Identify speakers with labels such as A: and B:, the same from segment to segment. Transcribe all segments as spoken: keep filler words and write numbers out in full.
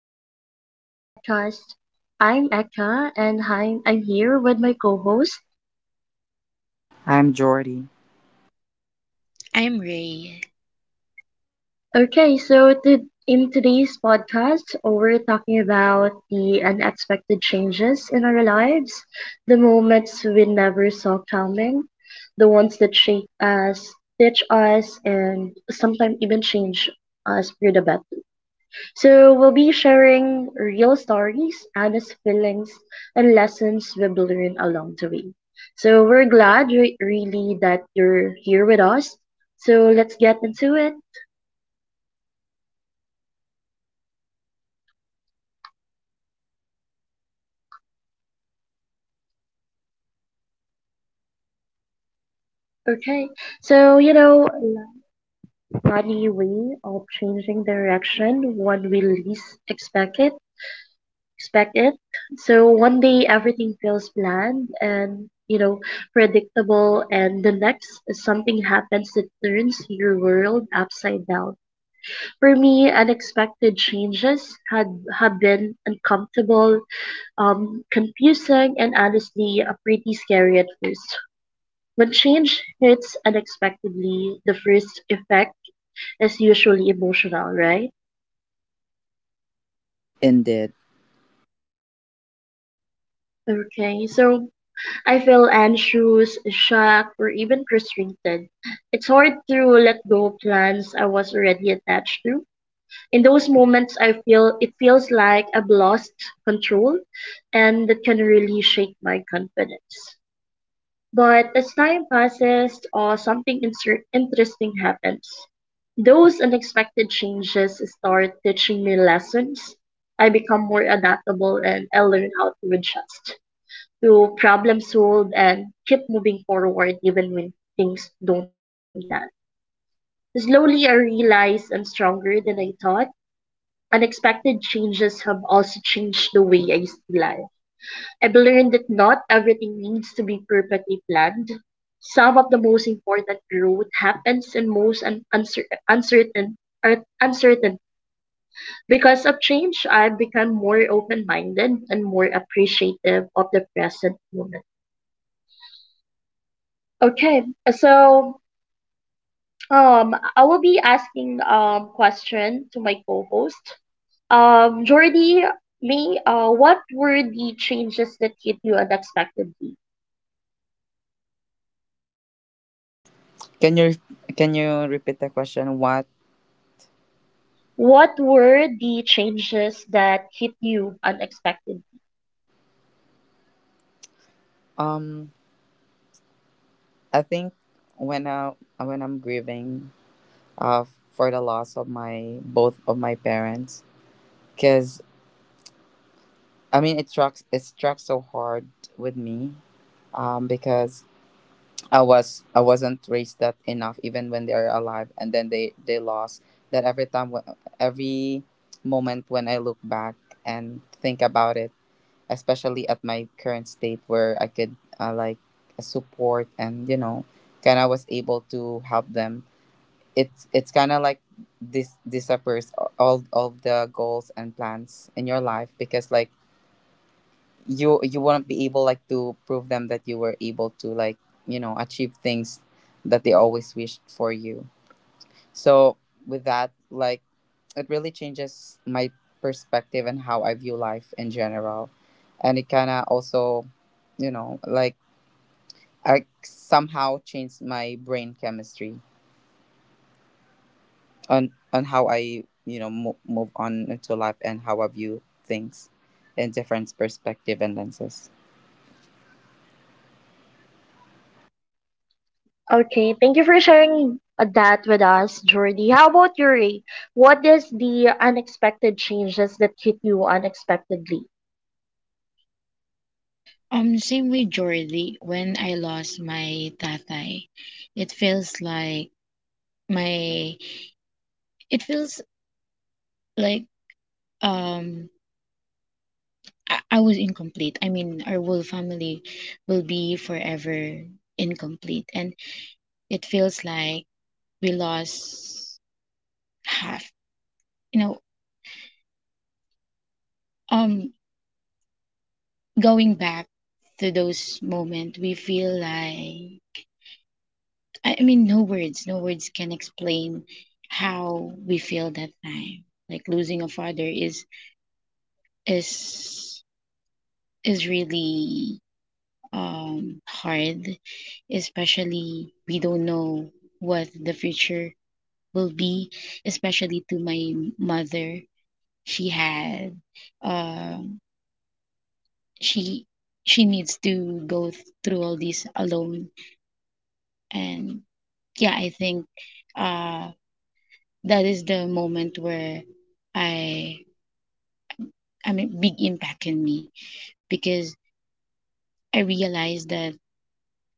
A: welcome to our podcast. I'm Eka and I'm, I'm here with my co host.
B: I'm Jordy.
C: I'm Ray.
A: Okay, so to, in today's podcast, we're talking about the unexpected changes in our lives, the moments we never saw coming, the ones that shape us, teach us, and sometimes even change us for the better. So we'll be sharing real stories, honest feelings, and lessons we've learned along the way. So we're glad re- really that you're here with us. So let's get into it. Okay. So you know, Funny way of changing direction when we least expect it. Expect it. So one day everything feels planned and you know predictable, and the next something happens that turns your world upside down. For me, unexpected changes had have been uncomfortable, um, confusing, and honestly, uh, pretty scary at first. When change hits unexpectedly, the first effect is usually emotional, right?
B: Indeed.
A: Okay, so I feel anxious, shocked, or even frustrated. It's hard to let go of plans I was already attached to. In those moments I feel it feels like I've lost control, and that can really shake my confidence. But as time passes or something inser- interesting happens, those unexpected changes start teaching me lessons. I become more adaptable, and I learn how to adjust, to problem solve, and keep moving forward even when things don't go as planned. Slowly I realize I'm stronger than I thought. Unexpected changes have also changed the way I see life. I've learned that not everything needs to be perfectly planned. Some of the most important growth happens in most un- uncer- uncertain or uncertain. Because of change, I've become more open-minded and more appreciative of the present moment. Okay. So um I will be asking um question to my co-host. Um, Jordy, may uh, what were the changes that hit you unexpectedly?
B: Can you can you repeat the question? What?
A: What were the changes that hit you unexpectedly?
B: Um, I think when I when I'm grieving, uh, for the loss of my both of my parents, because I mean it struck, it struck so hard with me, um, because I was I wasn't raised that enough even when they are alive, and then they they lost that every time wh- every moment when I look back and think about it, especially at my current state where I could, uh, like uh, support and you know kind of was able to help them. It's it's kind of like this disappears a- all of the goals and plans in your life, because like you you won't be able like to prove them that you were able to, like, you know achieve things that they always wished for you. So with that, like, it really changes my perspective and how I view life in general. And it kinda also, you know, like, I somehow changed my brain chemistry on on how I, you know, mo- move on into life and how I view things in different perspective and lenses.
A: Okay, thank you for sharing uh, that with us, Jordy. How about you, Ray? What is the unexpected changes that hit you unexpectedly?
C: Um, same with Jordy. When I lost my tatay, it feels like my it feels like um I, I was incomplete. I mean, our whole family will be forever incomplete, and it feels like we lost half. You know, um, going back to those moments, we feel like I, I mean, no words, no words can explain how we feel that time. Like losing a father is is is really um hard, especially we don't know what the future will be, especially to my mother. She had um she she needs to go th- through all this alone. And yeah, I think uh that is the moment where I I mean big impact in me, because I realized that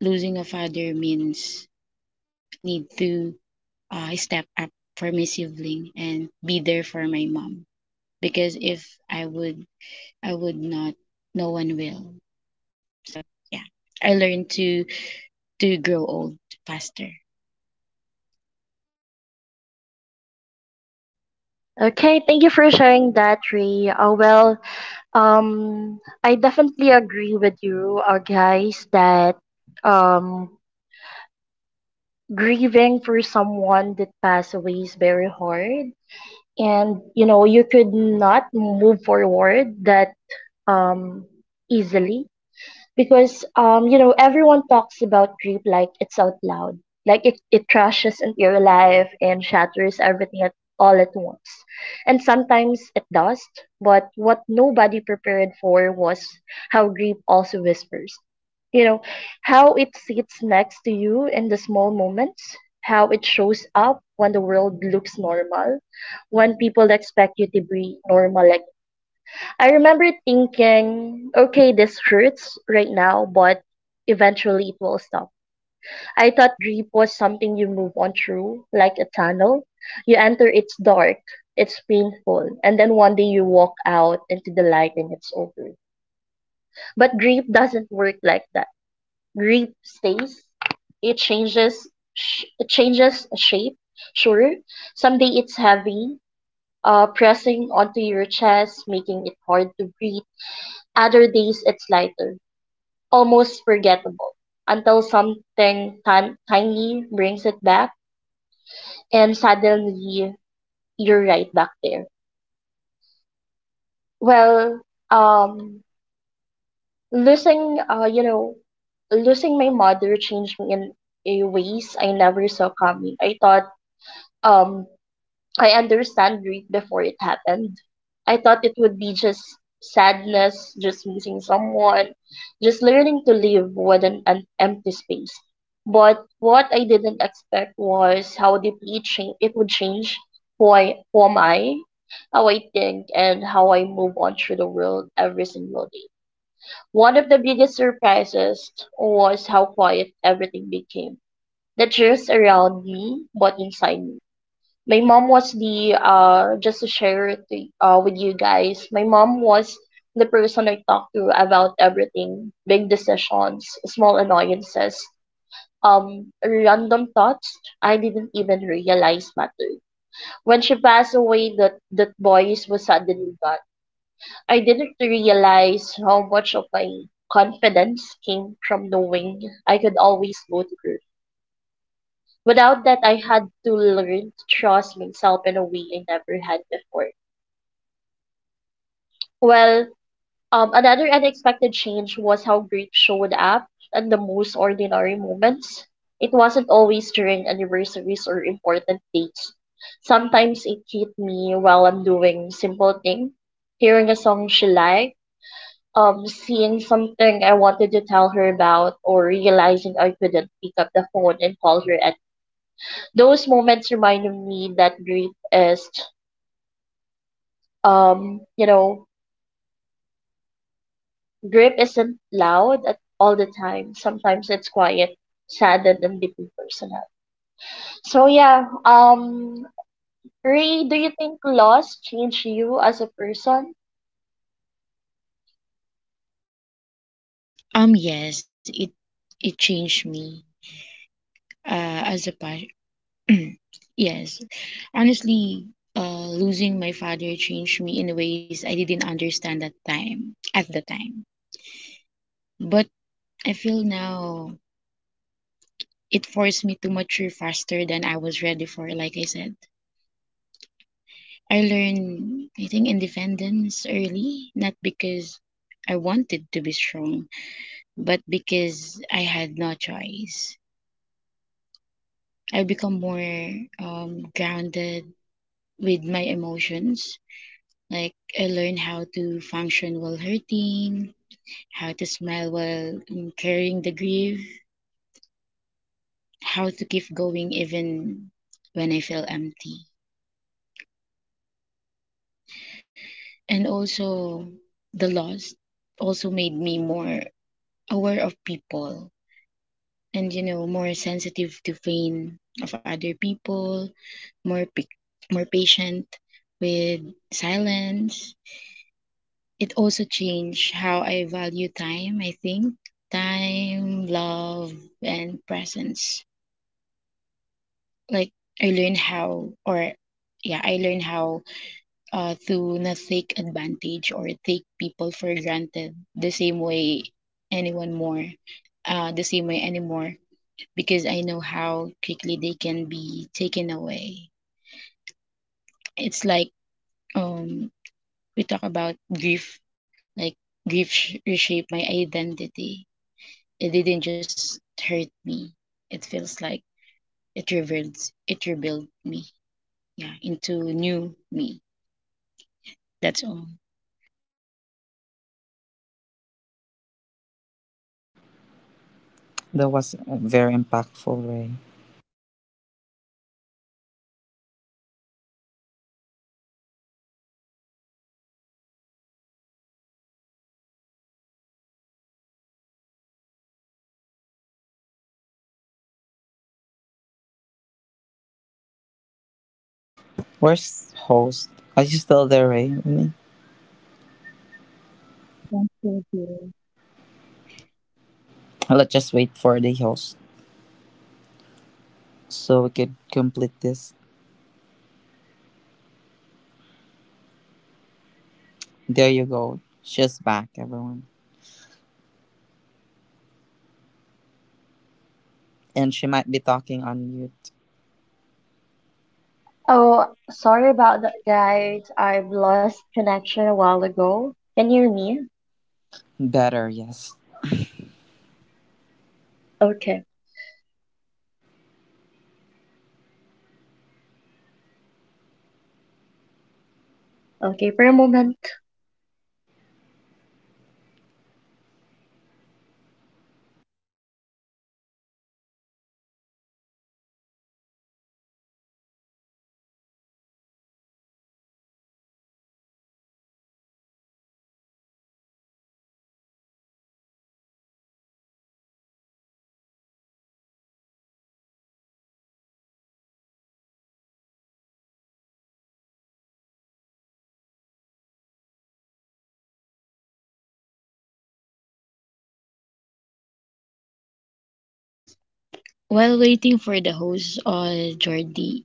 C: losing a father means I need to uh, step up for my sibling and be there for my mom, because if I would I would not, no one will. So yeah, I learned to to grow old faster.
A: Okay, thank you for sharing that, Ray. Uh, well, um, I definitely agree with you, uh, guys, that um, grieving for someone that passed away is very hard, and you know you could not move forward that um easily, because um you know everyone talks about grief like it's out loud, like it, it crashes into your life and shatters everything at all at once, and sometimes it does. But what nobody prepared for was how grief also whispers, you know, how it sits next to you in the small moments, how it shows up when the world looks normal, when people expect you to be normal. Like I remember thinking, okay, this hurts right now, but eventually it will stop. I thought grief was something you move on through, like a tunnel. You enter, it's dark, it's painful, and then one day you walk out into the light and it's over. But grief doesn't work like that. Grief stays, it changes, sh- it changes shape, sure. Someday it's heavy, uh, pressing onto your chest, making it hard to breathe. Other days it's lighter, almost forgettable, until something tin- tiny brings it back, and suddenly you're right back there. Well, um, losing, uh, you know, losing my mother changed me in a ways I never saw coming. I thought, um, I understand grief before it happened. I thought it would be just sadness, just missing someone, just learning to live with an, an empty space. But what I didn't expect was how deeply it, cha- it would change who, I, who am I, how I think, and how I move on through the world every single day. One of the biggest surprises was how quiet everything became. The cheers around me, but inside me my mom was the uh just to share it to, uh with you guys. My mom was the person I talked to about everything, big decisions, small annoyances, um random thoughts I didn't even realize mattered. When she passed away, that that voice was suddenly gone. I didn't realize how much of my confidence came from knowing I could always go through. Without that, I had to learn to trust myself in a way I never had before. Well, um, another unexpected change was how grief showed up at the most ordinary moments. It wasn't always during anniversaries or important dates. Sometimes it hit me while I'm doing simple things, hearing a song she liked, um, seeing something I wanted to tell her about, or realizing I couldn't pick up the phone and call her. At those moments reminded me that grief is, um, you know, grief isn't loud at all the time. Sometimes it's quiet, saddened, and deeply personal. So yeah, um, Ray, do you think loss changed you as a person?
C: Um yes, it it changed me uh, as a pa- Yes, honestly, uh, losing my father changed me in ways I didn't understand at time at the time. But I feel now it forced me to mature faster than I was ready for. Like I said, I learned, I think, independence early, not because I wanted to be strong, but because I had no choice. I become more um, grounded with my emotions. Like I learned how to function while hurting, how to smile while um, carrying the grief, how to keep going even when I feel empty. And also the loss also made me more aware of people and you know more sensitive to pain of other people, more pic- more patient with silence. It also changed how I value time, I think. Time, love, and presence. Like I learned how or yeah, I learned how uh, to not take advantage or take people for granted the same way anyone more, uh, the same way anymore, because I know how quickly they can be taken away. It's like um, we talk about grief, like grief sh- reshape my identity. It didn't just hurt me. It feels like it revealed it rebuilt me. Yeah, into new me. That's all.
B: That was a very impactful, Ray. Where's host? Are you still there, Ray? With me?
C: Yeah, thank you. dear.
B: Let's just wait for the host so we could complete this. There you go. She's back, everyone. And she might be talking on mute.
D: Oh, sorry about that, guys. I've lost connection a while ago. Can you hear me?
B: Better, yes.
D: Okay. Okay, for a moment.
C: While waiting for the host or Jordi,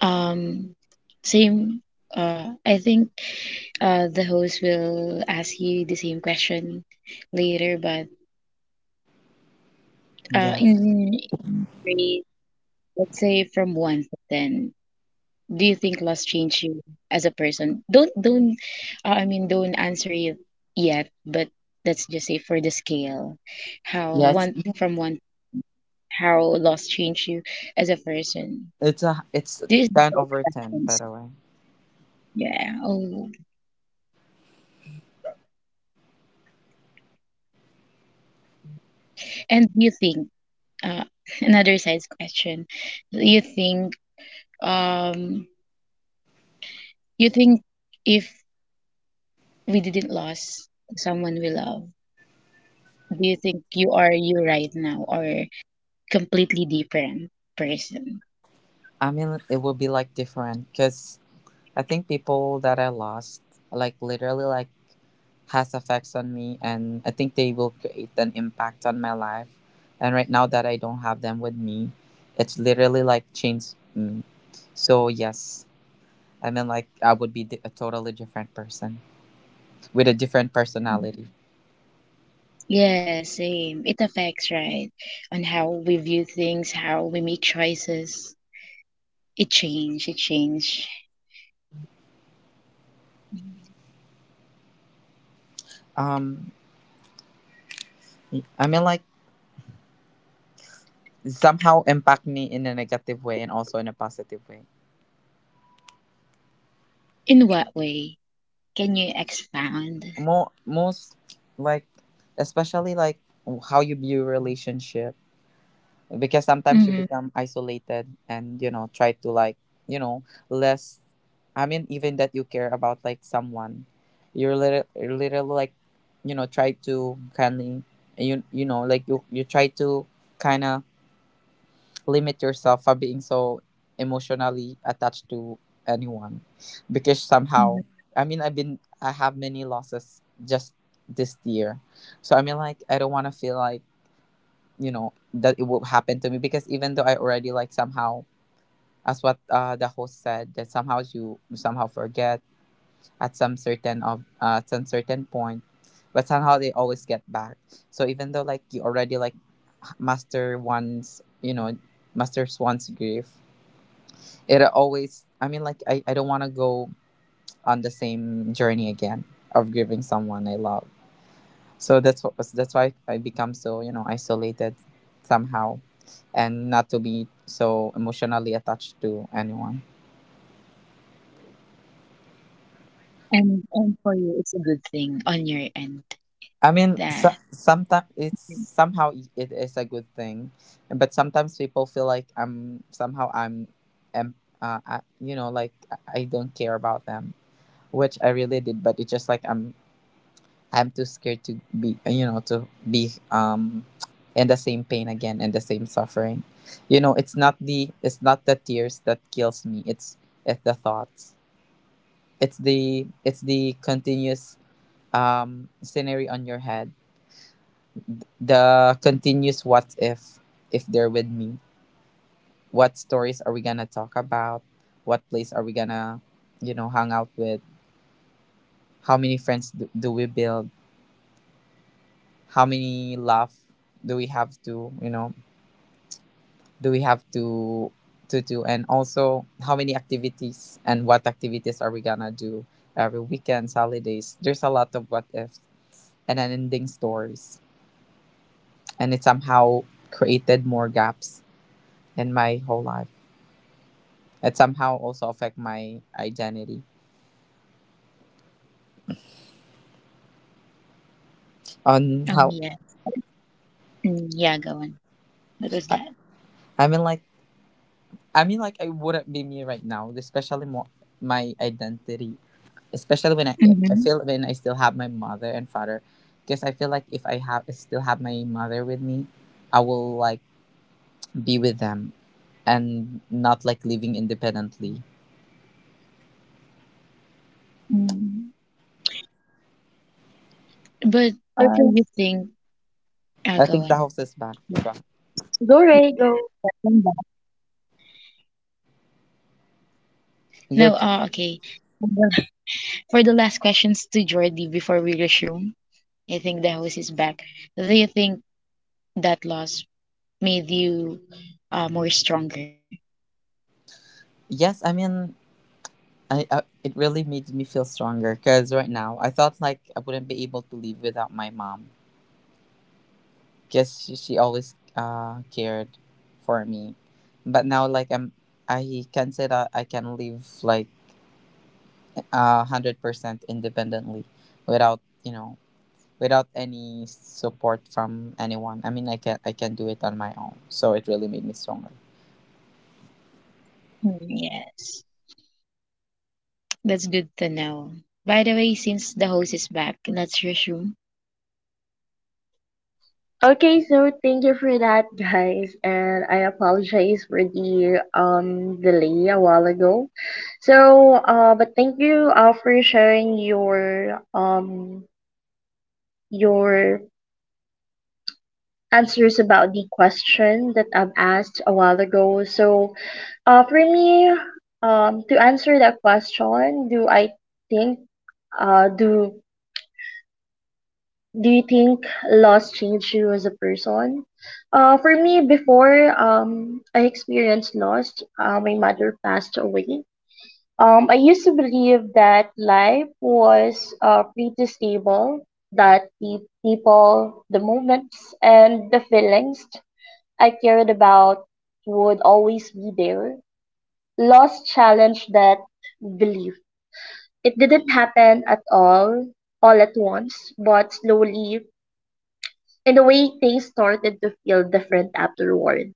C: um, same. Uh, I think uh, the host will ask you the same question later, but uh,
B: Yes.
C: in rate, let's say from one to ten. Do you think loss changed you as a person? Don't don't uh, I mean, don't answer it yet, but let's just say for the scale, how
B: Yeah, it's
C: one from one how loss changed you as a person.
B: it's a it's
C: This
B: ten over ten, by
C: happens.
B: the way.
C: Yeah. Oh. And do you think uh another side's question. Do you think um you think if we didn't lose someone we love, do you think you are you right now, or completely different person.
B: I mean, it will be like different, because I think people that I lost, like, literally, like, has effects on me, and I think they will create an impact on my life. And right now that I don't have them with me, it's literally like changed me. So yes. I mean, like, I would be di- a totally different person with a different personality.
C: Yeah, same. It affects, right, on how we view things, how we make choices. It change, it change.
B: Um, I mean, like, somehow impact me in a negative way and also in a positive way.
C: In what way? Can you expound?
B: Mo Most, like, especially like how you view relationship, because sometimes you
C: Mm-hmm.
B: become isolated and, you know, try to like, you know less. I mean, even that you care about like someone, you're little, little like, you know, try to kindly, you you know, like you you try to kind of limit yourself from being so emotionally attached to anyone, because somehow, i mean I've been, I have many losses just this year. So I mean, like, I don't want to feel like, you know, that it will happen to me, because even though I already like somehow, as what, uh, the host said, that somehow you somehow forget at some certain of, uh, at some certain point, but somehow they always get back. So even though like you already like master one's, you know, masters one's grief, it always, I mean, like, i, I don't want to go on the same journey again of grieving someone I love. So that's what was that's why I become so, you know, isolated somehow, and not to be so emotionally attached to anyone.
C: And and for you, it's a good thing on your end
B: I mean, so,
C: that
B: sometimes it's somehow, it is a good thing, but sometimes people feel like I'm somehow, I'm em- uh, I, you know, like i I don't care about them, which I really did. But it's just like i'm I'm too scared to be, you know, to be, um in the same pain again and the same suffering. You know, it's not the it's not the tears that kills me. It's it's the thoughts. It's the it's the continuous um scenario on your head. The continuous what if if they're with me. What stories are we gonna talk about? What place are we gonna, you know, hang out with? How many friends do, do we build? How many love do we have to, you know, do we have to to do, and also how many activities and what activities are we gonna do every weekends, holidays? There's a lot of what ifs and then ending stories. And it somehow created more gaps in my whole life. It somehow also affect my identity on
C: um
B: how,
C: yeah. Mm, yeah, go on. That was that.
B: i mean like I mean, like, I wouldn't be me right now, especially more my identity, especially when I I
C: Mm-hmm.
B: feel when I still have my mother and father, because I feel like if I have still have my mother with me, I will like be with them and not like living independently.
C: mm But uh,
D: Okay.
C: you think uh
B: I
C: go
B: think the
C: on.
B: house is back.
C: Yeah.
D: Go, Ray, go.
B: You're
C: Now, oh, okay. For the last questions to Jordi before we resume, I think the host is back. Do you think that loss made you uh, more stronger?
B: yes, I mean. I, I, it really made me feel stronger, because right now I thought like I wouldn't be able to live without my mom, because she, she always, uh, cared for me. But now like I'm I can say that I can live like, uh, one hundred percent independently without, you know, without any support from anyone. I mean, i can I can do it on my own, so it really made me stronger.
C: Mm, yes. That's good to know. By the way, since the host is back, let's resume.
D: Okay, so thank you for that, guys, and I apologize for the um delay a while ago. So, uh, but thank you uh, for sharing your um your answers about the question that I've asked a while ago. So, uh, for me, um, to answer that question, do I think, uh, do do you think loss changed you as a person? Uh, for me, before um, I experienced loss, uh, my mother passed away. Um, I used to believe that life was uh, pretty stable, that the people, the moments, and the feelings I cared about would always be there. Loss challenged that belief. It didn't happen at all, all at once, but slowly, in the way things started to feel different afterward.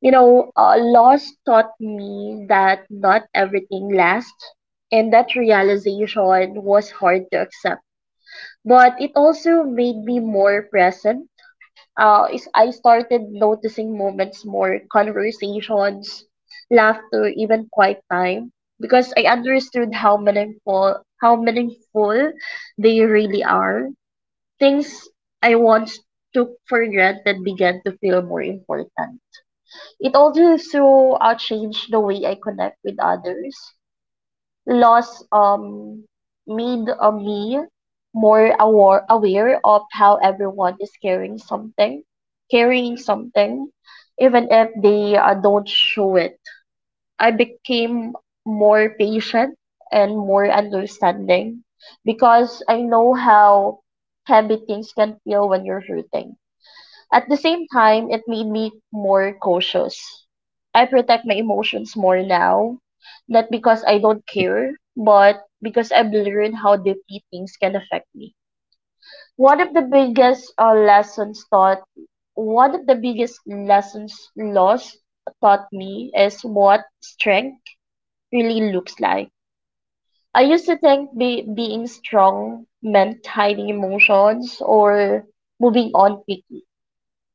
D: You know, uh, loss taught me that not everything lasts, and that realization was hard to accept. But it also made me more present uh, is I started noticing moments more, conversations, laughter, even quiet time, because I understood how meaningful how meaningful they really are. Things I once took for granted began to feel more important. It also uh, changed the way I connect with others. Laws um made uh, me more aware aware of how everyone is carrying something, carrying something, even if they uh, don't show it. I became more patient and more understanding because I know how heavy things can feel when you're hurting. At the same time, it made me more cautious. I protect my emotions more now, not because I don't care, but because I've learned how deeply things can affect me. One of the biggest uh, lessons taught, one of the biggest lessons lost taught me is what strength really looks like. I used to think be, being strong meant hiding emotions or moving on quickly.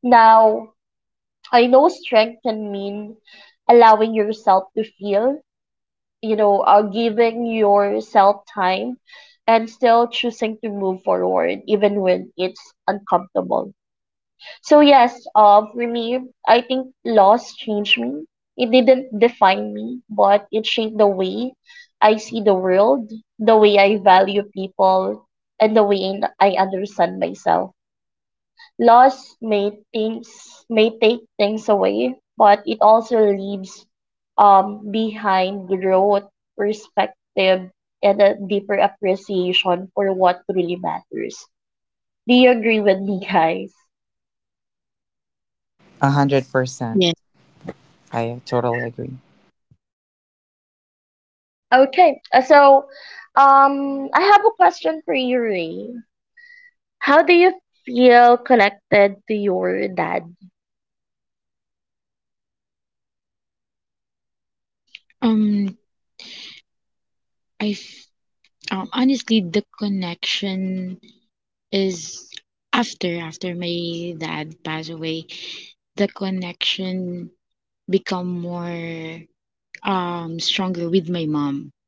D: Now I know strength can mean allowing yourself to feel, you know, uh, giving yourself time and still choosing to move forward even when it's uncomfortable. So, yes, uh, for me, I think loss changed me. It didn't define me, but it shaped the way I see the world, the way I value people, and the way I understand myself. Loss may things may take things away, but it also leaves um behind growth, perspective, and a deeper appreciation for what really matters. Do you agree with me, guys?
B: one hundred percent,
C: Yes.
B: I totally agree.
D: Okay, uh, so um, I have a question for you, Ray. How do you feel connected to your dad?
C: Um, I f- um, honestly, the connection is after after my dad passed away. The connection become more um stronger with my mom.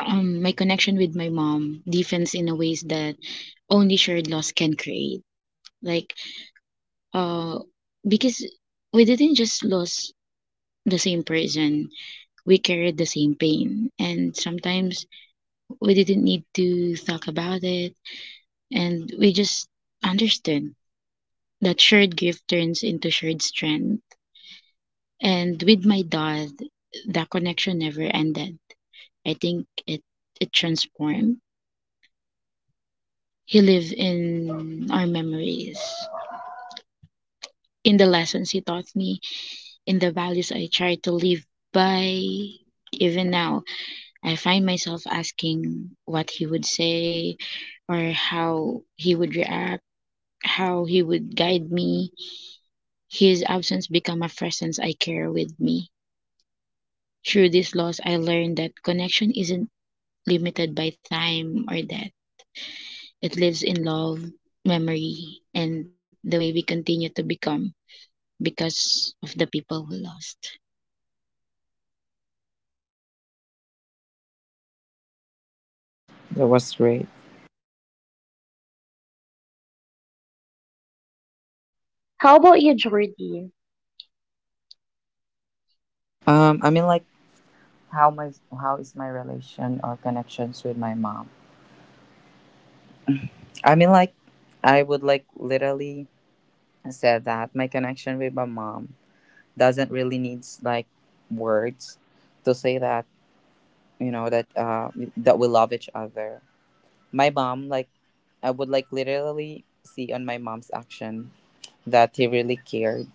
C: Um, my connection with my mom deepens in a ways that only shared loss can create. Like, uh, because we didn't just lose the same person, we carried the same pain, and sometimes we didn't need to talk about it, and we just understood that shared grief turns into shared strength. And with my dad, that connection never ended. I think it it transformed. He lived in our memories, in the lessons he taught me, in the values I try to live by. Even now, I find myself asking what he would say, or how he would react, how he would guide me. His absence become a presence I carry with me. Through this loss, I learned that connection isn't limited by time or death. It lives in love, memory, and the way we continue to become because of the people we lost.
B: That was great.
D: How about you, Jordy?
B: um I mean, like, how my, how is my relation or connections with my mom? I mean, like, I would like literally said that my connection with my mom doesn't really needs like words to say that, you know, that uh that we love each other. My mom, like, I would like literally see on my mom's action that he really cared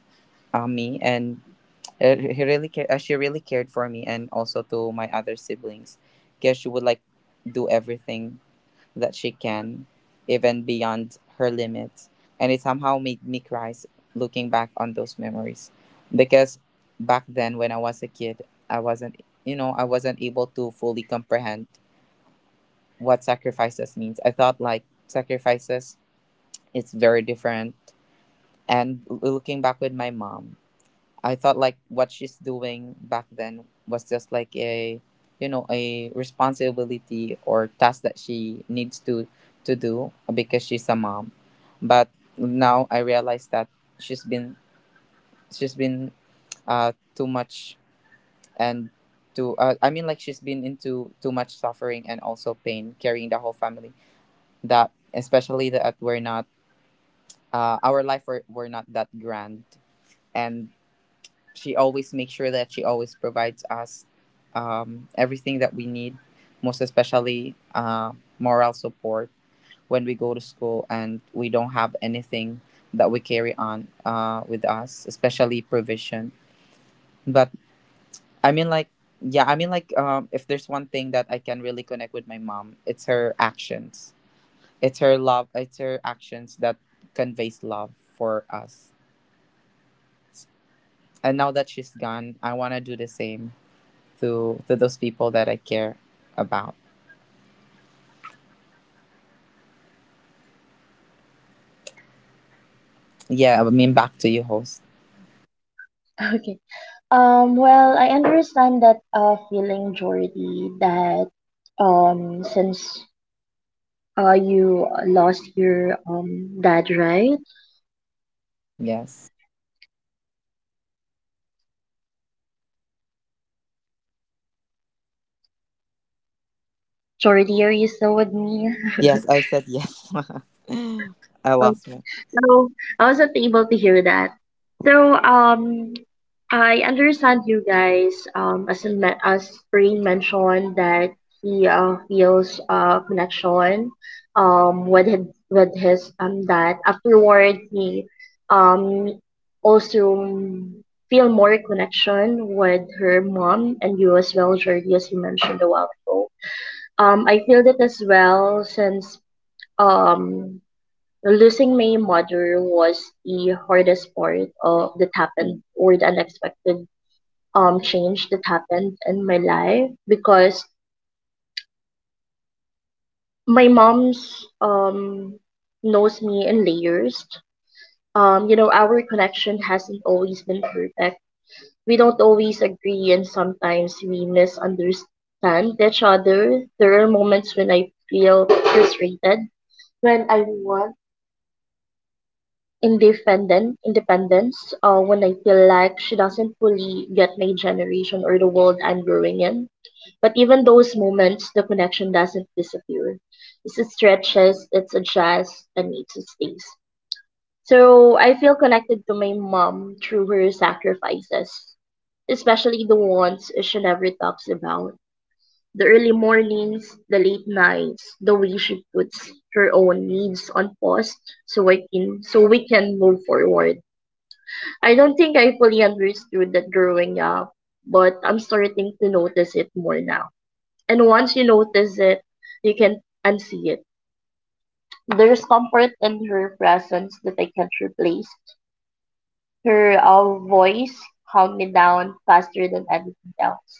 B: on me, and, uh, he really cared, uh, she really cared for me and also to my other siblings. Guess she would like do everything that she can, even beyond her limits. And it somehow made me cry s- looking back on those memories, because back then when I was a kid, I wasn't, you know, I wasn't able to fully comprehend what sacrifices means. I thought like sacrifices is very different. And looking back with my mom, I thought like what she's doing back then was just like a, you know, a responsibility or task that she needs to, to do, because she's a mom. But now I realize that she's been she's been, uh too much and too, uh, I mean, like, she's been into too much suffering and also pain, carrying the whole family, that, especially that we're not, uh, our life were, were not that grand. And she always makes sure that she always provides us, um, everything that we need, most especially, uh, moral support, when we go to school and we don't have anything that we carry on, uh, with us, especially provision. But I mean, like, yeah, I mean, like, um, if there's one thing that I can really connect with my mom, it's her actions. It's her love, it's her actions that conveys love for us. And now that she's gone, I want to do the same to to those people that I care about. Yeah, I mean, back to you, host.
D: Okay. Um, well, I understand that uh, feeling, Jordy, that um, since uh, you lost your um, dad, right?
B: Yes.
D: Jordy, are you still with me?
B: Yes, I said yes. I lost me.
D: No, I wasn't able to hear that. So, um, I understand you guys. Um, as in me- as Brain mentioned that he uh, feels uh connection, um, with his with his um dad. Afterward, he um also feel more connection with her mom and you as well, Jordy, as you mentioned a while ago. Um, I feel that as well since um losing my mother was the hardest part of that happened or the unexpected um change that happened in my life because my mom's um knows me in layers. Um, you know, our connection hasn't always been perfect. We don't always agree and sometimes we misunderstand each other. There are moments when I feel frustrated when I was independent independence, uh, when I feel like she doesn't fully get my generation or the world I'm growing in. But even those moments, the connection doesn't disappear. It stretches, it adjusts, and it stays. So I feel connected to my mom through her sacrifices, especially the ones she never talks about. The early mornings, the late nights, the way she puts her own needs on pause so I can so we can move forward. I don't think I fully understood that growing up, but I'm starting to notice it more now. And once you notice it, you can unsee it. There's comfort in her presence that I can't replace. Her uh, voice calmed me down faster than anything else.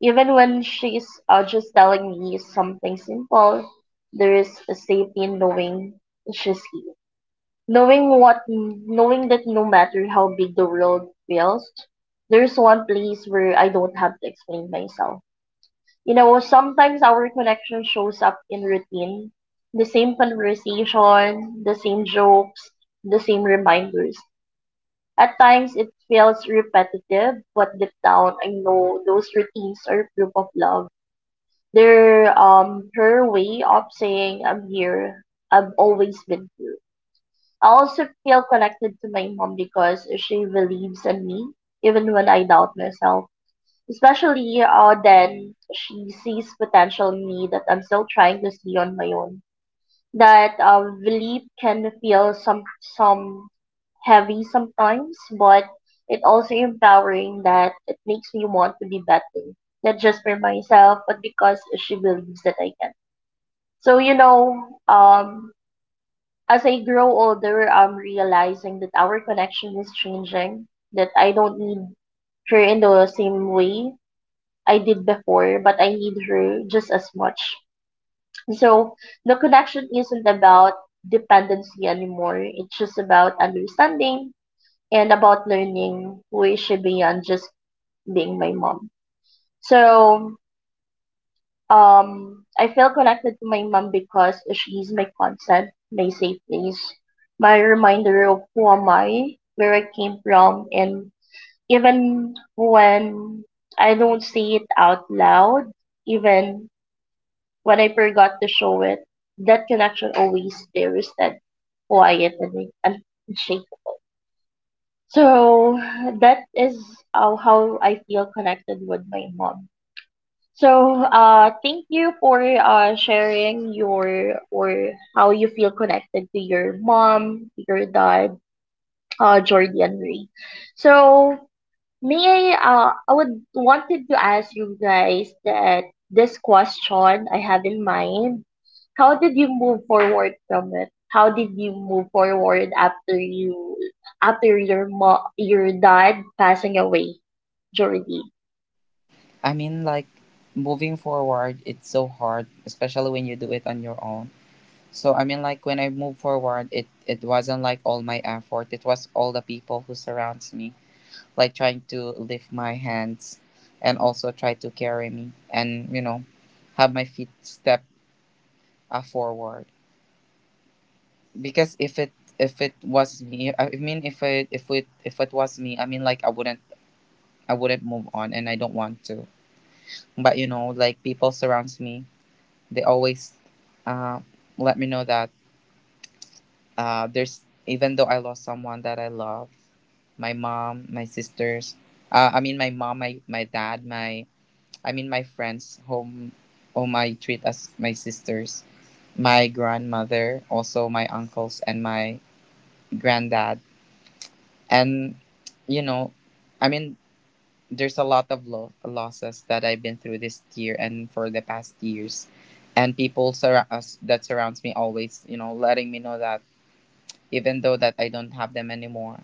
D: Even when she's uh, just telling me something simple, there is a safety in knowing she's here. Knowing what, knowing that no matter how big the world feels, there's one place where I don't have to explain myself. You know, sometimes our connection shows up in routine, the same conversation, the same jokes, the same reminders. At times it feels repetitive, but deep down I know those routines are proof of love. They're um her way of saying I'm here, I've always been here. I also feel connected to my mom because she believes in me even when I doubt myself. Especially uh, then she sees potential in me that I'm still trying to see on my own. That uh, belief can feel some some heavy sometimes, but it also empowering that it makes me want to be better. Not just for myself, but because she believes that I can. So you know, um, as I grow older, I'm realizing that our connection is changing, that I don't need her in the same way I did before, but I need her just as much. So the connection isn't about dependency anymore. It's just about understanding and about learning who is she beyond just being my mom. So Um, I feel connected to my mom because she's my constant, my safe place, my reminder of who am I, where I came from, and even when I don't say it out loud, even when I forgot to show it, that connection always there is that quiet and and unshakable. So that is how, how I feel connected with my mom. So, uh, thank you for uh, sharing your or how you feel connected to your mom, your dad, uh, Jordy and Ray. So, may I, uh, I would wanted to ask you guys that this question I have in mind. How did you move forward from it? How did you move forward after you after your mo- your dad passing away, Jordy?
B: I mean, like, moving forward, it's so hard, especially when you do it on your own. So I mean, like, when I moved forward, it it wasn't like all my effort. It was all the people who surrounds me, like trying to lift my hands and also try to carry me and, you know, have my feet step, uh, forward. Because if it, if it was me, I mean, if it if it if it was me, I mean, like, I wouldn't, i wouldn't move on and I don't want to. But you know, like, people surrounds me, they always, uh, let me know that, uh, there's, even though I lost someone that I love, my mom, my sisters, uh, I mean, my mom, my, my dad, my I mean my friends, whom whom I treat as my sisters, my grandmother, also my uncles and my granddad. And you know, I mean, there's a lot of lo- losses that I've been through this year and for the past years. And people sur- us, that surrounds me, always, you know, letting me know that even though that I don't have them anymore,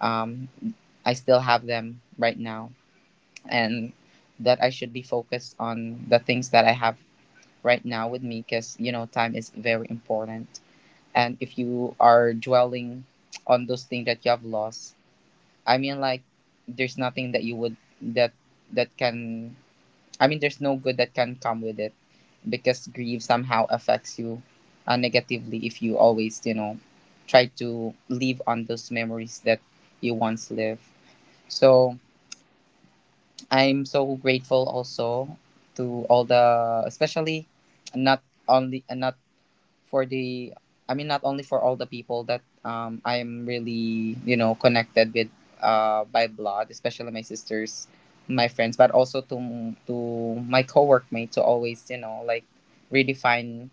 B: um, I still have them right now. And that I should be focused on the things that I have right now with me, because you know time is very important. And if you are dwelling on those things that you have lost, I mean, like, there's nothing that you would, that that can, I mean, there's no good that can come with it, because grief somehow affects you, uh, negatively, if you always, you know, try to live on those memories that you once lived. So I'm so grateful also to all the, especially not only, not for the, I mean, not only for all the people that, um I'm really, you know, connected with, uh by blood, especially my sisters, my friends, but also to, to my co-workmates, to always, you know, like, redefine,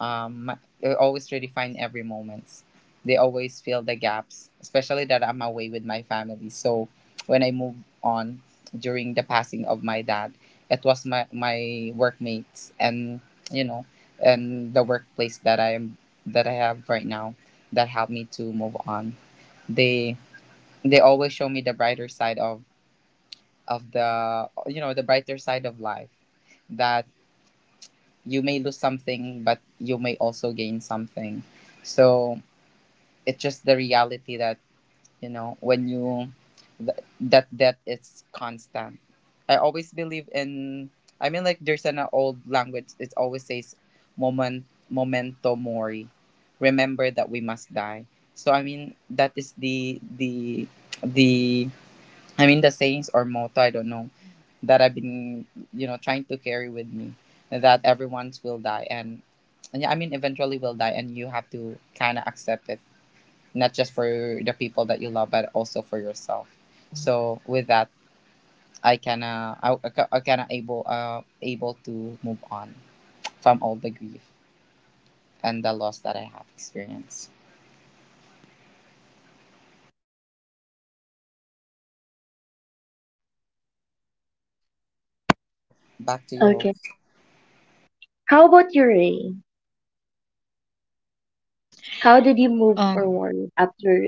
B: um they always redefine every moment, they always fill the gaps, especially that I'm away with my family. So when I moved on during the passing of my dad, it was my, my workmates and, you know, and the workplace that I am, that I have right now, that helped me to move on. they they always show me the brighter side of, of the, you know, the brighter side of life, that you may lose something, but you may also gain something. So it's just the reality that, you know, when you, th- that that it's constant. I always believe in, I mean, like, there's an old language, it always says, moment momento mori, remember that we must die. So I mean, that is the, the the I mean, the sayings or motto, I don't know, that I've been, you know, trying to carry with me, that everyone's will die, and, and, yeah, I mean, eventually will die, and you have to kind of accept it, not just for the people that you love, but also for yourself. So with that, I kind of I, I kind of able, uh able to move on from all the grief and the loss that I have experienced. Back to you. Hope.
D: Okay. How about you, Ray? How did you move
C: Um,
D: forward after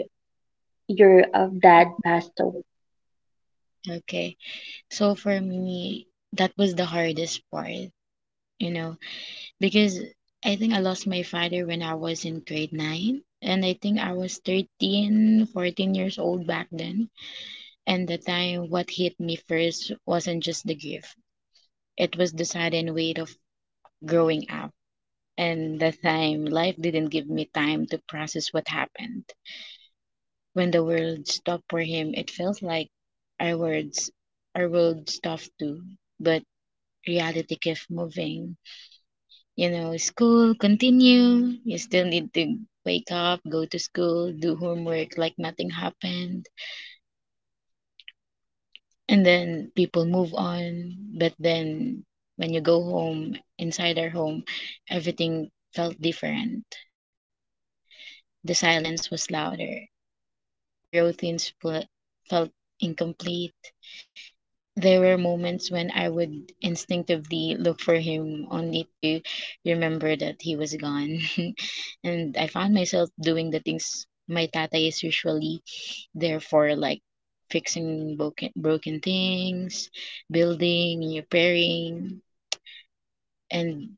D: your um, dad passed away?
C: okay. So for me, that was the hardest part, you know, because I think I lost my father when I was in grade nine. And I think I was thirteen, fourteen years old back then. And the time what hit me first wasn't just the grief, it was the sudden weight of growing up. And the time life didn't give me time to process what happened. When the world stopped for him, it felt like our words, our world stopped too. But reality kept moving. You know, school continue. You still need to wake up, go to school, do homework like nothing happened. And then people move on. But then when you go home, inside our home, everything felt different. The silence was louder. The routines fe- felt incomplete. There were moments when I would instinctively look for him only to remember that he was gone. And I found myself doing the things my tata is usually there for, like fixing broken, broken things, building, repairing. And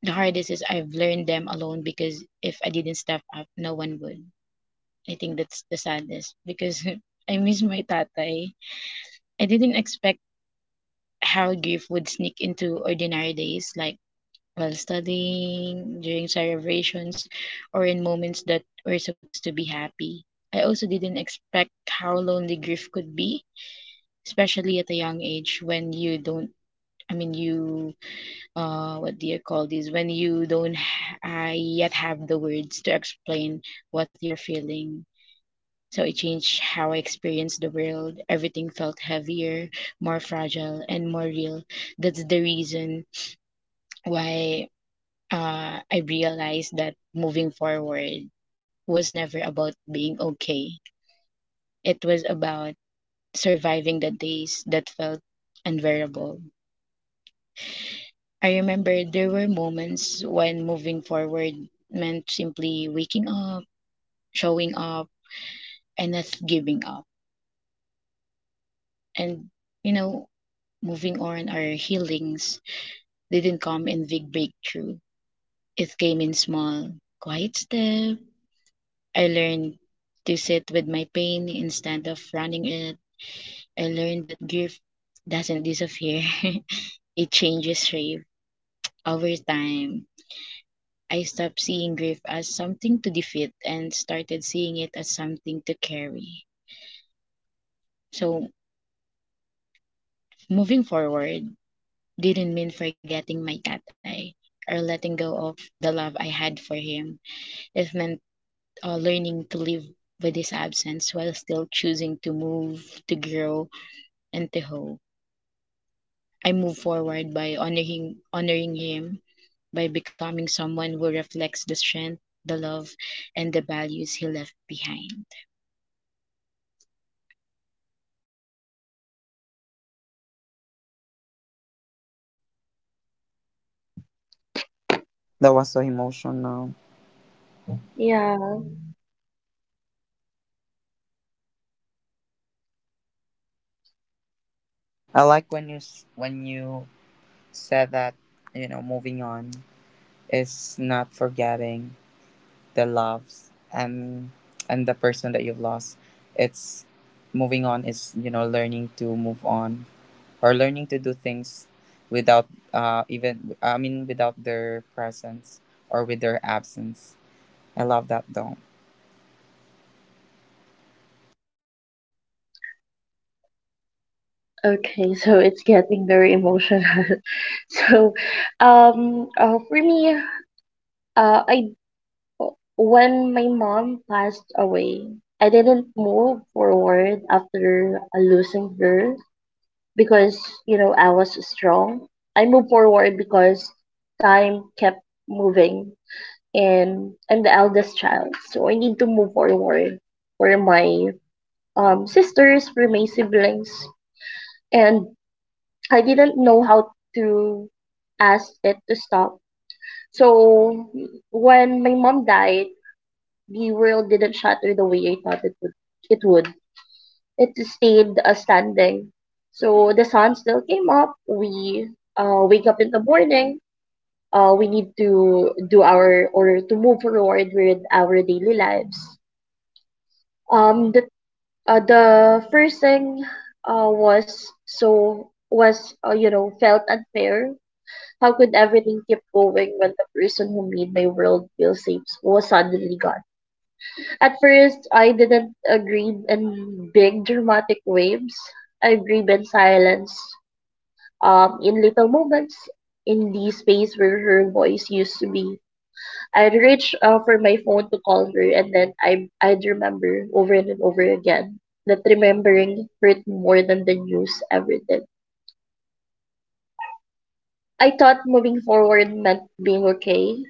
C: the hardest is I've learned them alone, because if I didn't step up, no one would. I think that's the saddest, because I miss my tatay. I didn't expect how grief would sneak into ordinary days, like while studying, during celebrations, or in moments that were supposed to be happy. I also didn't expect how lonely grief could be, especially at a young age when you don't. I mean, you, uh, what do you call this? When you don't h- uh, yet have the words to explain what you're feeling. So it changed how I experienced the world. Everything felt heavier, more fragile, and more real. That's the reason why uh, I realized that moving forward was never about being okay. It was about surviving the days that felt unbearable. I remember there were moments when moving forward meant simply waking up, showing up, and not giving up. And, you know, moving on, our healings didn't come in big breakthrough. It came in small, quiet steps. I learned to sit with my pain instead of running it. I learned that grief doesn't disappear, it changes shape over time. I stopped seeing grief as something to defeat and started seeing it as something to carry. So, moving forward didn't mean forgetting my tatay or letting go of the love I had for him. It meant uh, learning to live with his absence while still choosing to move, to grow, and to hope. I move forward by honoring honoring him, by becoming someone who reflects the strength, the love, and the values he left behind.
E: That was so emotional.
D: Yeah.
E: I like when you s- when you said that you know moving on is not forgetting the loves and and the person that you've lost. It's moving on is you know learning to move on or learning to do things without uh even I mean without their presence or with their absence. I love that though.
D: Okay, so it's getting very emotional. So, um, uh, for me, uh, I when my mom passed away, I didn't move forward after uh, losing her because you know I was strong. I moved forward because time kept moving, and I'm the eldest child, so I need to move forward for my um, sisters, for my siblings, and I didn't know how to ask it to stop. So when my mom died, the world didn't shatter the way I thought it would. It would. It stayed uh, standing. So the sun still came up. We uh, wake up in the morning. Uh, we need to do our or to move forward with our daily lives. Um, the Uh, the first thing uh, was so was uh, you know felt unfair. How could everything keep going when the person who made my world feel safe was suddenly gone? At first, I didn't agree in big dramatic waves. I agreed in silence, um, in little moments, in the space where her voice used to be. I'd reach uh, for my phone to call her, and then I I'd remember over and over again that remembering hurt more than the news ever did. I thought moving forward meant being okay,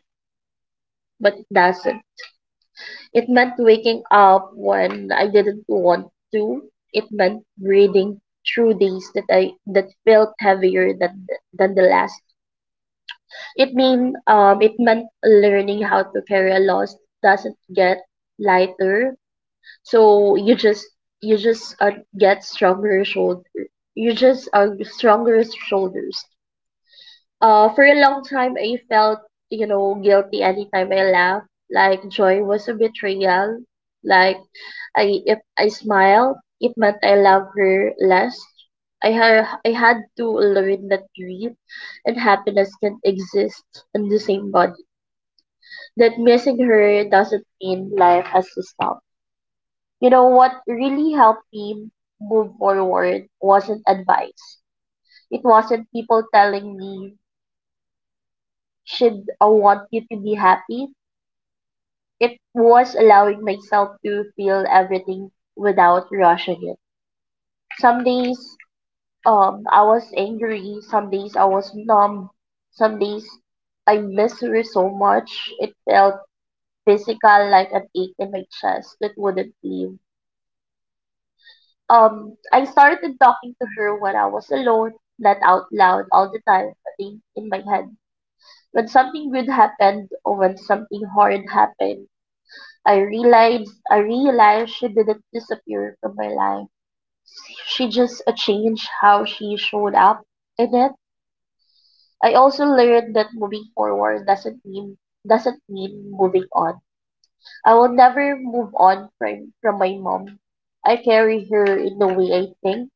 D: but it doesn't. It meant waking up when I didn't want to. It meant breathing through days that I that felt heavier than than the last. It mean um it meant learning how to carry a loss doesn't get lighter, so you just you just uh, get stronger shoulder you just uh, stronger shoulders. Uh for a long time I felt, you know, guilty anytime I laughed, like joy was a betrayal, like I if I smiled it meant I loved her less. i had I had to learn that grief and happiness can exist in the same body, that missing her doesn't mean life has to stop. You know what really helped me move forward wasn't advice. It wasn't people telling me, should I want you to be happy? It was allowing myself to feel everything without rushing it. Some days um I was angry, some days I was numb, some days I missed her so much. It felt physical like an ache in my chest that wouldn't leave. Um, I started talking to her when I was alone, not out loud all the time, but in, in my head. When something good happened or when something hard happened, I realized I realized she didn't disappear from my life. She just uh, changed how she showed up in it. I also learned that moving forward doesn't mean doesn't mean moving on. I will never move on from from my mom. I carry her in the way I think.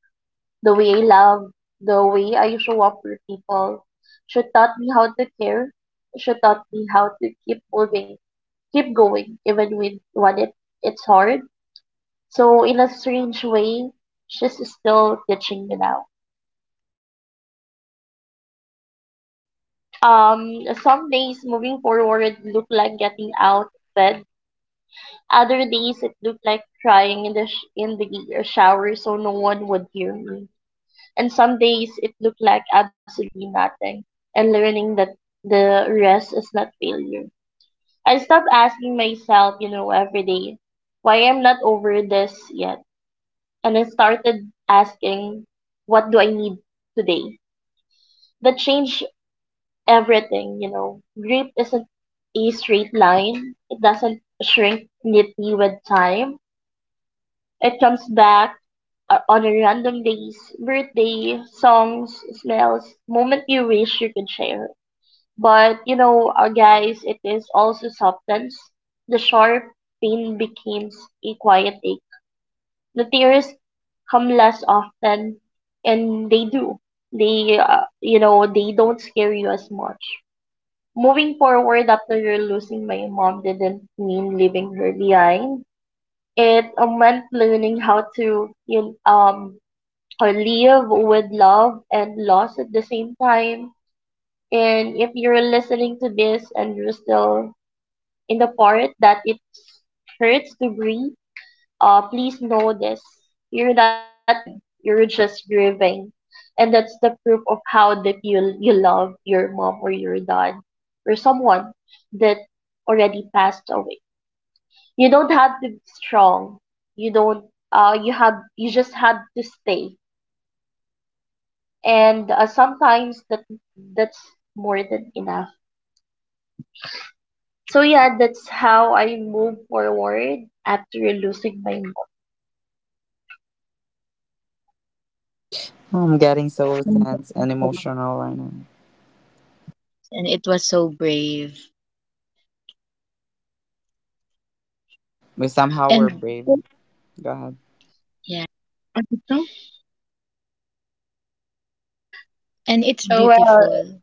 D: The way I love, the way I show up for people, she taught me how to care. She taught me how to keep moving, keep going, even when, when it, it's hard. So in a strange way, she's still teaching me now. Um, some days moving forward look like getting out of bed. Other days it looked like crying in the sh- in the shower so no one would hear me. And some days it looked like absolutely nothing. And learning that the rest is not failure. I stopped asking myself, you know, every day, why I'm not over this yet. And I started asking, what do I need today? That changed everything, you know. Grief isn't a straight line. It doesn't shrink neatly with time. It comes back uh, on a random days, birthday, songs, smells, moment you wish you could share. But you know, uh, guys, it is also substance. The sharp pain becomes a quiet ache. The tears come less often, and they do. They, uh, you know, they don't scare you as much. Moving forward after you losing my mom didn't mean leaving her behind. It uh, meant learning how to you um or live with love and loss at the same time. And if you're listening to this and you're still in the part that it hurts to breathe, uh, please know this: you're not broken. You're just grieving, and that's the proof of how deep you you love your mom or your dad or someone that already passed away. You don't have to be strong. You don't. Uh, you have. You just have to stay. And uh, sometimes that that's more than enough. So yeah, that's how I move forward after losing my
E: I'm getting so tense and emotional right now.
C: And it was so brave.
E: We somehow were
C: And
E: brave.
D: mom.
E: Go ahead.
C: yeah, and it's
D: Well,
C: beautiful.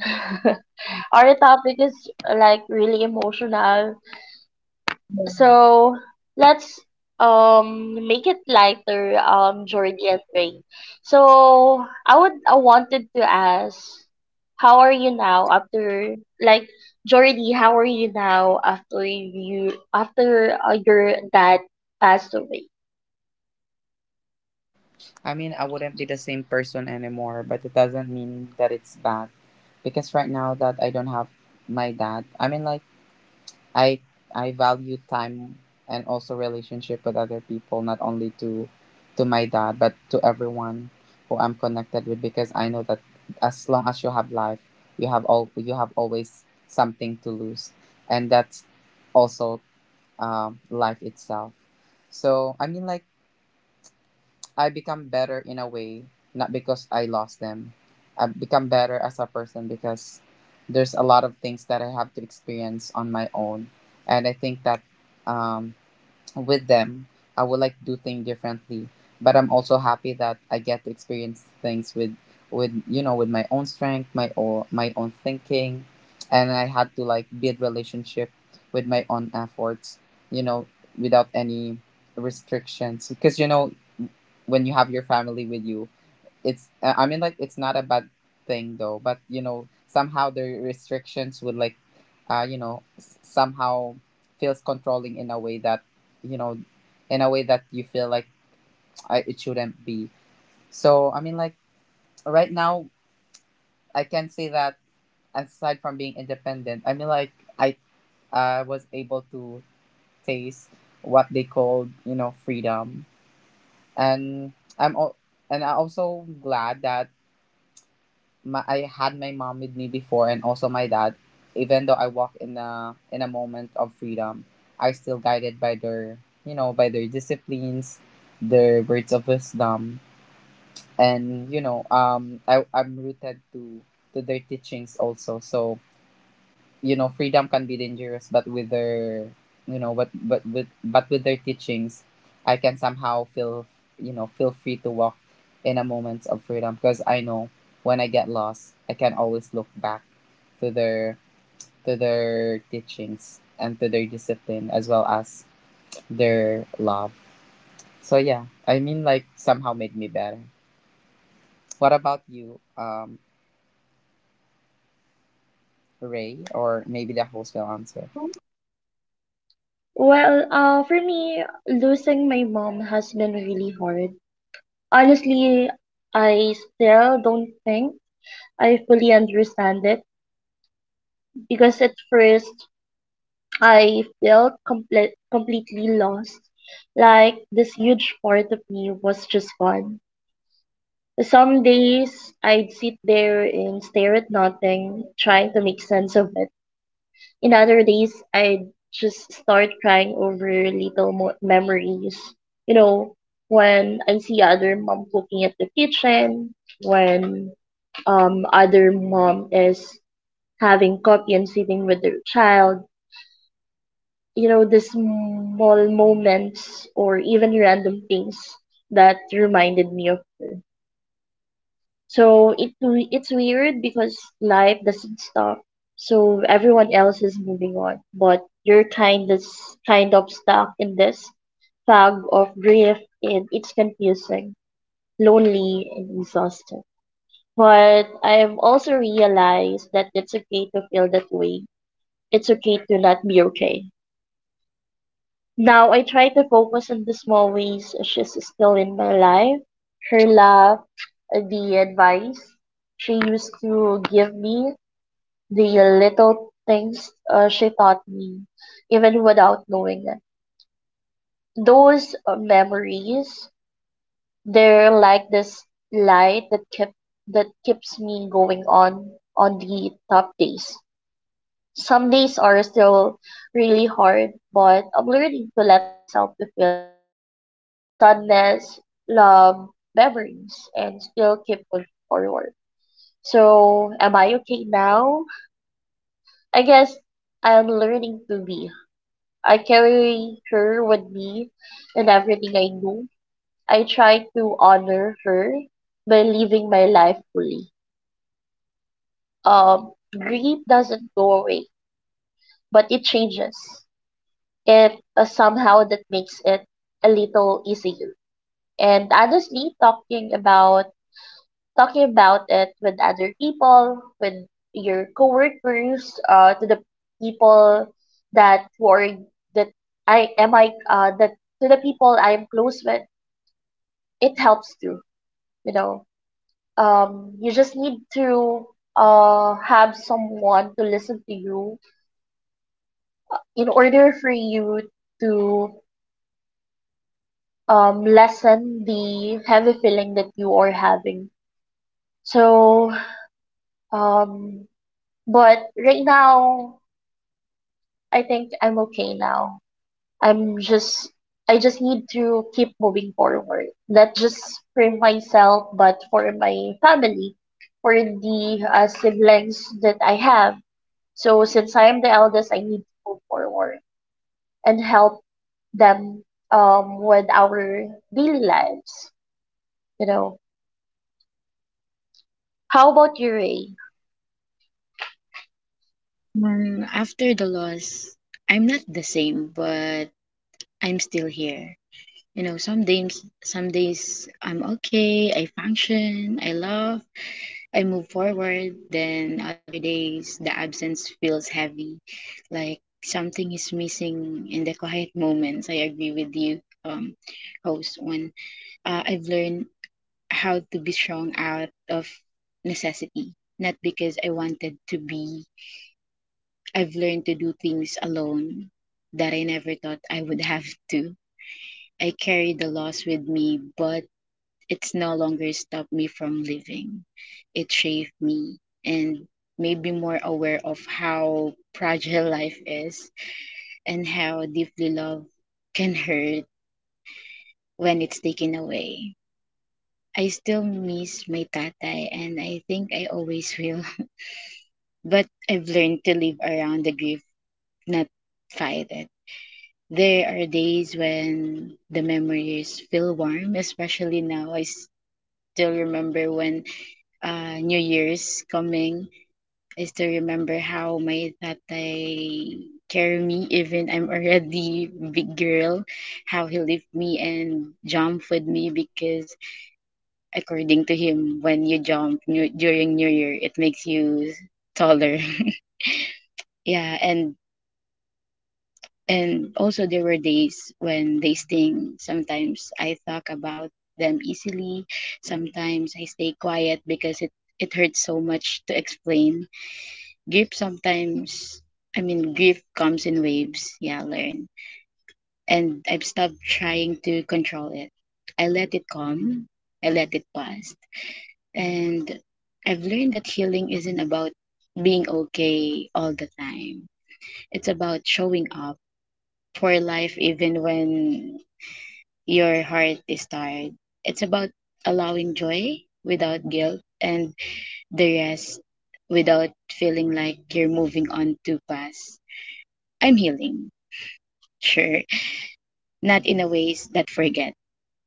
C: Yeah.
D: our topic is like really emotional. So let's um make it lighter, um, Jordy and Ray. So I would I wanted to ask, how are you now after like Jordy, how are you now after you after uh, your dad passed away?
E: I mean, I wouldn't be the same person anymore, but it doesn't mean that it's bad. Because right now that I don't have my dad, I mean, like, I I value time and also relationship with other people, not only to to my dad, but to everyone who I'm connected with because I know that as long as you have life, you have all you have always something to lose. And that's also um, life itself. So I mean, like I become better in a way, not because I lost them. I become better as a person because there's a lot of things that I have to experience on my own. And I think that um, with them, I would like to do things differently. But I'm also happy that I get to experience things with, with you know, with my own strength, my own, my own thinking, and I had to like build relationship with my own efforts, you know, without any restrictions. Because you know, when you have your family with you. It's uh, I mean like it's not a bad thing though, but you know somehow the restrictions would like uh you know s- somehow feels controlling in a way that you know in a way that you feel like I, it shouldn't be. So I mean like right now I can say that aside from being independent, I mean like I I was able to taste what they called, you know, freedom. And I'm al- and I'm also glad that my, I had my mom with me before and also my dad. Even though I walk in a in a moment of freedom, I still guided by their you know by their disciplines, their words of wisdom, and you know um I I'm rooted to to their teachings also. So you know freedom can be dangerous but with their you know but but with but with their teachings I can somehow feel you know feel free to walk in a moment of freedom because I know when I get lost I can always look back to their to their teachings and to their discipline as well as their love. So yeah, I mean like somehow made me better. What about you, um Ray, or maybe the host will answer?
D: Well, uh, for me, losing my mom has been really hard. Honestly, I still don't think I fully understand it because at first I felt comple- completely lost. Like this huge part of me was just gone. Some days I'd sit there and stare at nothing, trying to make sense of it. In other days, I'd just start crying over little mo- memories. You know, when I see other mom cooking at the kitchen, when um other mom is having coffee and sitting with their child, you know, the small moments or even random things that reminded me of her. So it it's weird because life doesn't stop, so everyone else is moving on, but you're kind of kind of stuck in this fog of grief, and it's confusing, lonely, and exhausting. But I've also realized that it's okay to feel that way. It's okay to not be okay. Now I try to focus on the small ways she's still in my life. Her laugh, the advice she used to give me, the little things uh, she taught me, even without knowing it. Those uh, memories, they're like this light that kept that keeps me going on on the tough days. Some days are still really hard, but I'm learning to let myself to feel it all, the sadness, love, memories, and still keep moving forward. So, am I okay now? I guess I'm learning to be. I carry her with me in everything I do. I try to honor her by living my life fully. Um, grief doesn't go away, but it changes. It uh, somehow that makes it a little easier. And honestly, talking about talking about it with other people, with your coworkers, uh, to the people that who are that I am I uh that to the people I'm close with, it helps too. You know, um, you just need to uh have someone to listen to you in order for you to um lessen the heavy feeling that you are having. So um, but right now I think I'm okay now. I'm just I just need to keep moving forward. Not just for myself, but for my family, for the uh, siblings that I have. So since I am the eldest, I need to move forward and help them um with our daily lives, you know. How about you, Ray?
C: Um, after the loss, I'm not the same, but I'm still here. You know, some days, some days I'm okay, I function, I love, I move forward. Then other days, the absence feels heavy, like something is missing in the quiet moments. I agree with you, um, host. When uh, I've learned how to be strong out of necessity, not because I wanted to be. I've learned to do things alone that I never thought I would have to. I carry the loss with me, but it's no longer stopped me from living. It shaped me and made me more aware of how fragile life is and how deeply love can hurt when it's taken away. I still miss my tatay and I think I always will. But I've learned to live around the grief, not fight it. There are days when the memories feel warm, especially now. I still remember when uh, New Year's coming I still remember how my tatay carry me even I'm already big girl, how he lift me and jump with me because according to him, when you jump new, during New Year, it makes you taller. Yeah, and and also there were days when they sting. Sometimes I talk about them easily. Sometimes I stay quiet because it it hurts so much to explain. Grief sometimes, I mean, grief comes in waves. Yeah, learn. And I've stopped trying to control it. I let it come, I let it pass. And I've learned that healing isn't about being okay all the time, it's about showing up for life even when your heart is tired. It's about allowing joy without guilt and the rest without feeling like you're moving on too fast. I'm healing. Sure. Not in a ways that forget,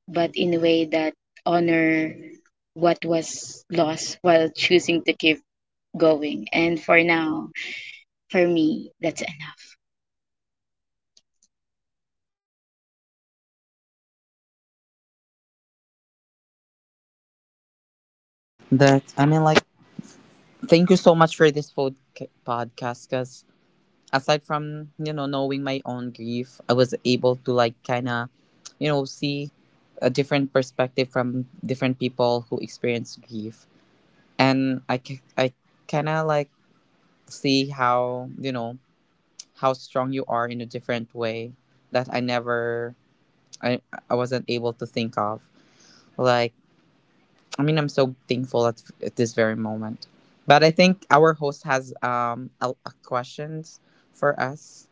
C: but in a way that honor what was lost while choosing to keep going. And for now, for me, that's enough.
E: That I mean, like thank you so much for this pod- podcast because aside from, you know, knowing my own grief, I was able to like kind of, you know, see a different perspective from different people who experience grief. And I, ki- I kind of like see how, you know, how strong you are in a different way that I never, I, I wasn't able to think of. Like, I mean, I'm so thankful at, at this very moment. But I think our host has um a, a questions for us.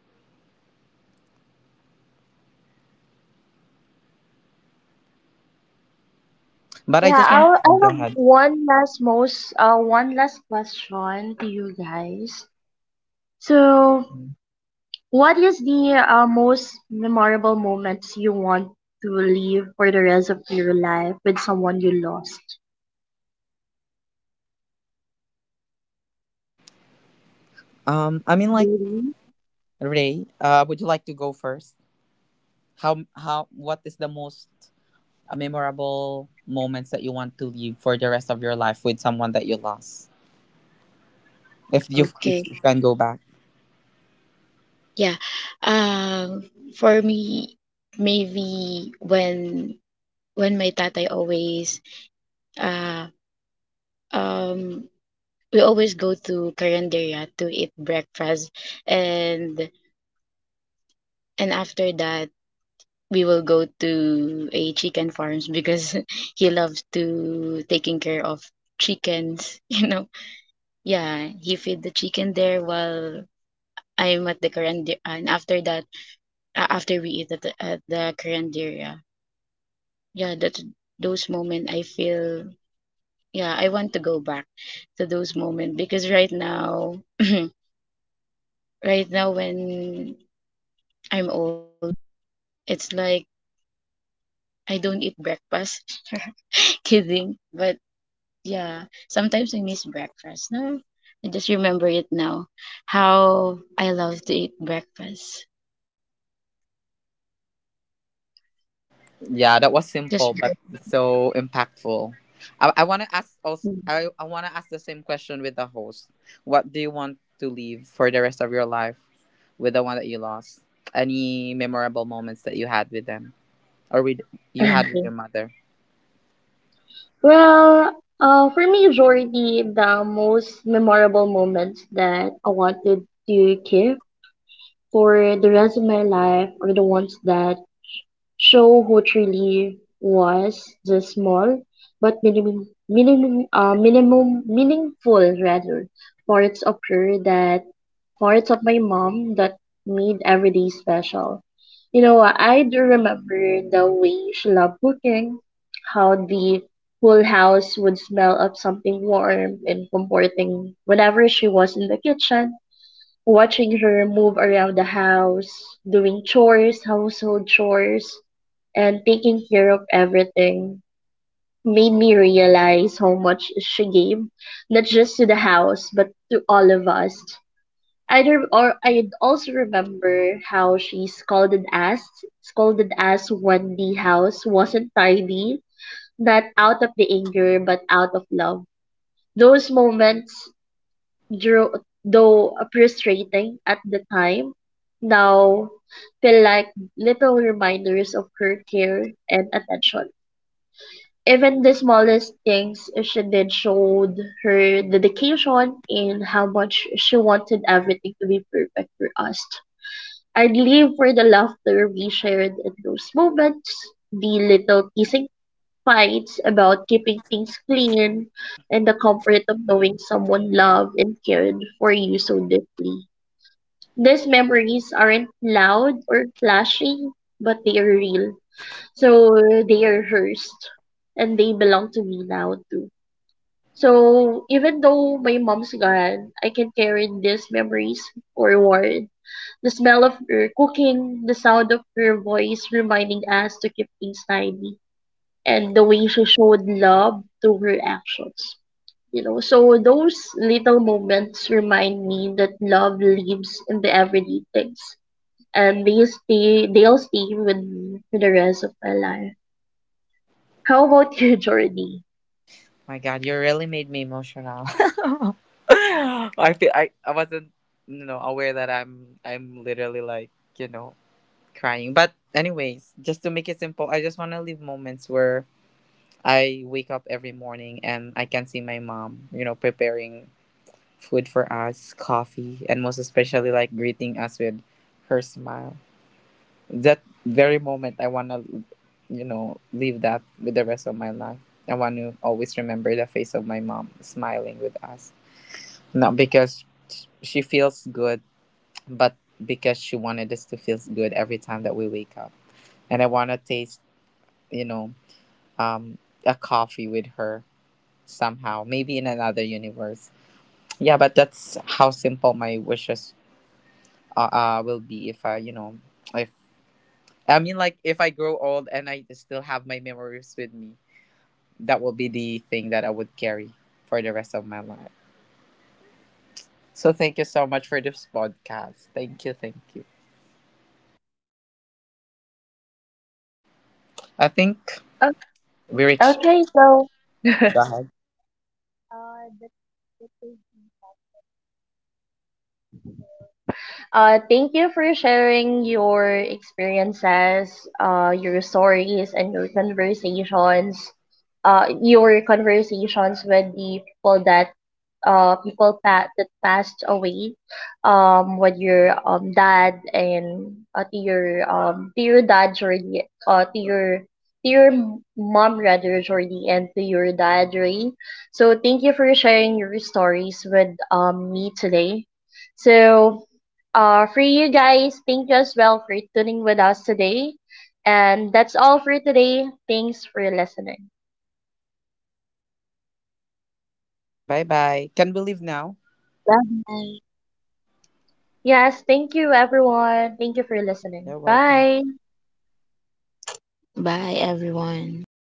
E: But I
D: Yeah,
E: just
D: I
E: want
D: w-
E: to
D: I
E: go
D: have
E: ahead.
D: one last most uh one last question to you guys. So what is the uh, most memorable moments you want to live for the rest of your life with someone you lost?
E: Um, I mean, like
D: Really?
E: Ray, uh, would you like to go first? How how what is the most uh, memorable moments that you want to leave for the rest of your life with someone that you lost? If you if
C: Okay.
E: you can go back.
C: Yeah. Um for me, maybe when when my tatay always uh um we always go to Caranderia to eat breakfast, and and after that we will go to a chicken farms because he loves to taking care of chickens. You know, yeah, he feed the chicken there while I'm at the caranderia, and after that, a- after we eat at the, at the caranderia. Yeah, that's those moment I feel. Yeah, I want to go back to those moment, because right now right now when I'm old, it's like I don't eat breakfast. Kidding, but yeah, sometimes I miss breakfast. No, I just remember it now. How I love to eat breakfast.
E: Yeah, that was
C: Just
E: simple but so impactful. I, I want to ask also, I, I want to ask the same question with the host. What do you want to leave for the rest of your life with the one that you lost? Any memorable moments that you had with them or with you had with
D: Okay.
E: your mother?
D: Well, uh, for me, Jordy, the most memorable moments that I wanted to keep for the rest of my life are the ones that show who truly was the small but minimum, minimum, uh, minimum, meaningful rather, parts of her that parts of my mom that made every day special. You know, I do remember the way she loved cooking, how the whole house would smell of something warm and comforting whenever she was in the kitchen, watching her move around the house, doing chores, household chores, and taking care of everything, made me realize how much she gave, not just to the house, but to all of us. I re- or I also remember how she scolded us, scolded us when the house wasn't tidy, not out of the anger, but out of love. Those moments drew, though frustrating at the time, now feel like little reminders of her care and attention. Even the smallest things uh, she did showed her dedication and how much she wanted everything to be perfect for us. I'd live for the laughter we shared in those moments, the little teasing fights about keeping things clean and the comfort of knowing someone loved and cared for you so deeply. These memories aren't loud or flashy, but they are real. So they are hers and they belong to me now too. So even though my mom's gone, I can carry these memories forward. The smell of her cooking, the sound of her voice reminding us to keep things tidy, and the way she showed love through her actions. You know, so those little moments remind me that love lives in the everyday things, and they stay, they'll stay with me for the rest of my life. How about you, Jordy?
E: My God, you really made me emotional. I feel I, I wasn't you know aware that I'm I'm literally like you know crying. But anyways, just to make it simple, I just want to leave moments where I wake up every morning and I can see my mom, you know, preparing food for us, coffee, and most especially like greeting us with her smile. That very moment, I want to, you know, leave that with the rest of my life. I want to always remember the face of my mom smiling with us. Not because she feels good, but because she wanted us to feel good every time that we wake up. And I want to taste, you know, um, a coffee with her somehow, maybe in another universe. Yeah, but that's how simple my wishes uh, uh will be if I, you know, if I mean like if I grow old and I still have my memories with me, that will be the thing that I would carry for the rest of my life. So thank you so much for this podcast. Thank you, thank you. I think
D: Oh,
E: we reached.
D: okay, so uh, Uh, thank you for sharing your experiences, uh, your stories, and your conversations. Uh, your conversations with the people that uh people that that passed away, um, with your um dad and uh, to your um to your dad Jordy, uh to your to your mom rather Jordy, and to your dad Ray. So thank you for sharing your stories with um me today. So uh, for you guys. Thank you as well for tuning with us today. And that's all for today. Thanks for listening.
E: Bye bye. Can we leave now?
C: Bye.
D: Yes, thank you everyone. Thank you for listening.
E: You're welcome.
D: Bye.
C: Bye, everyone.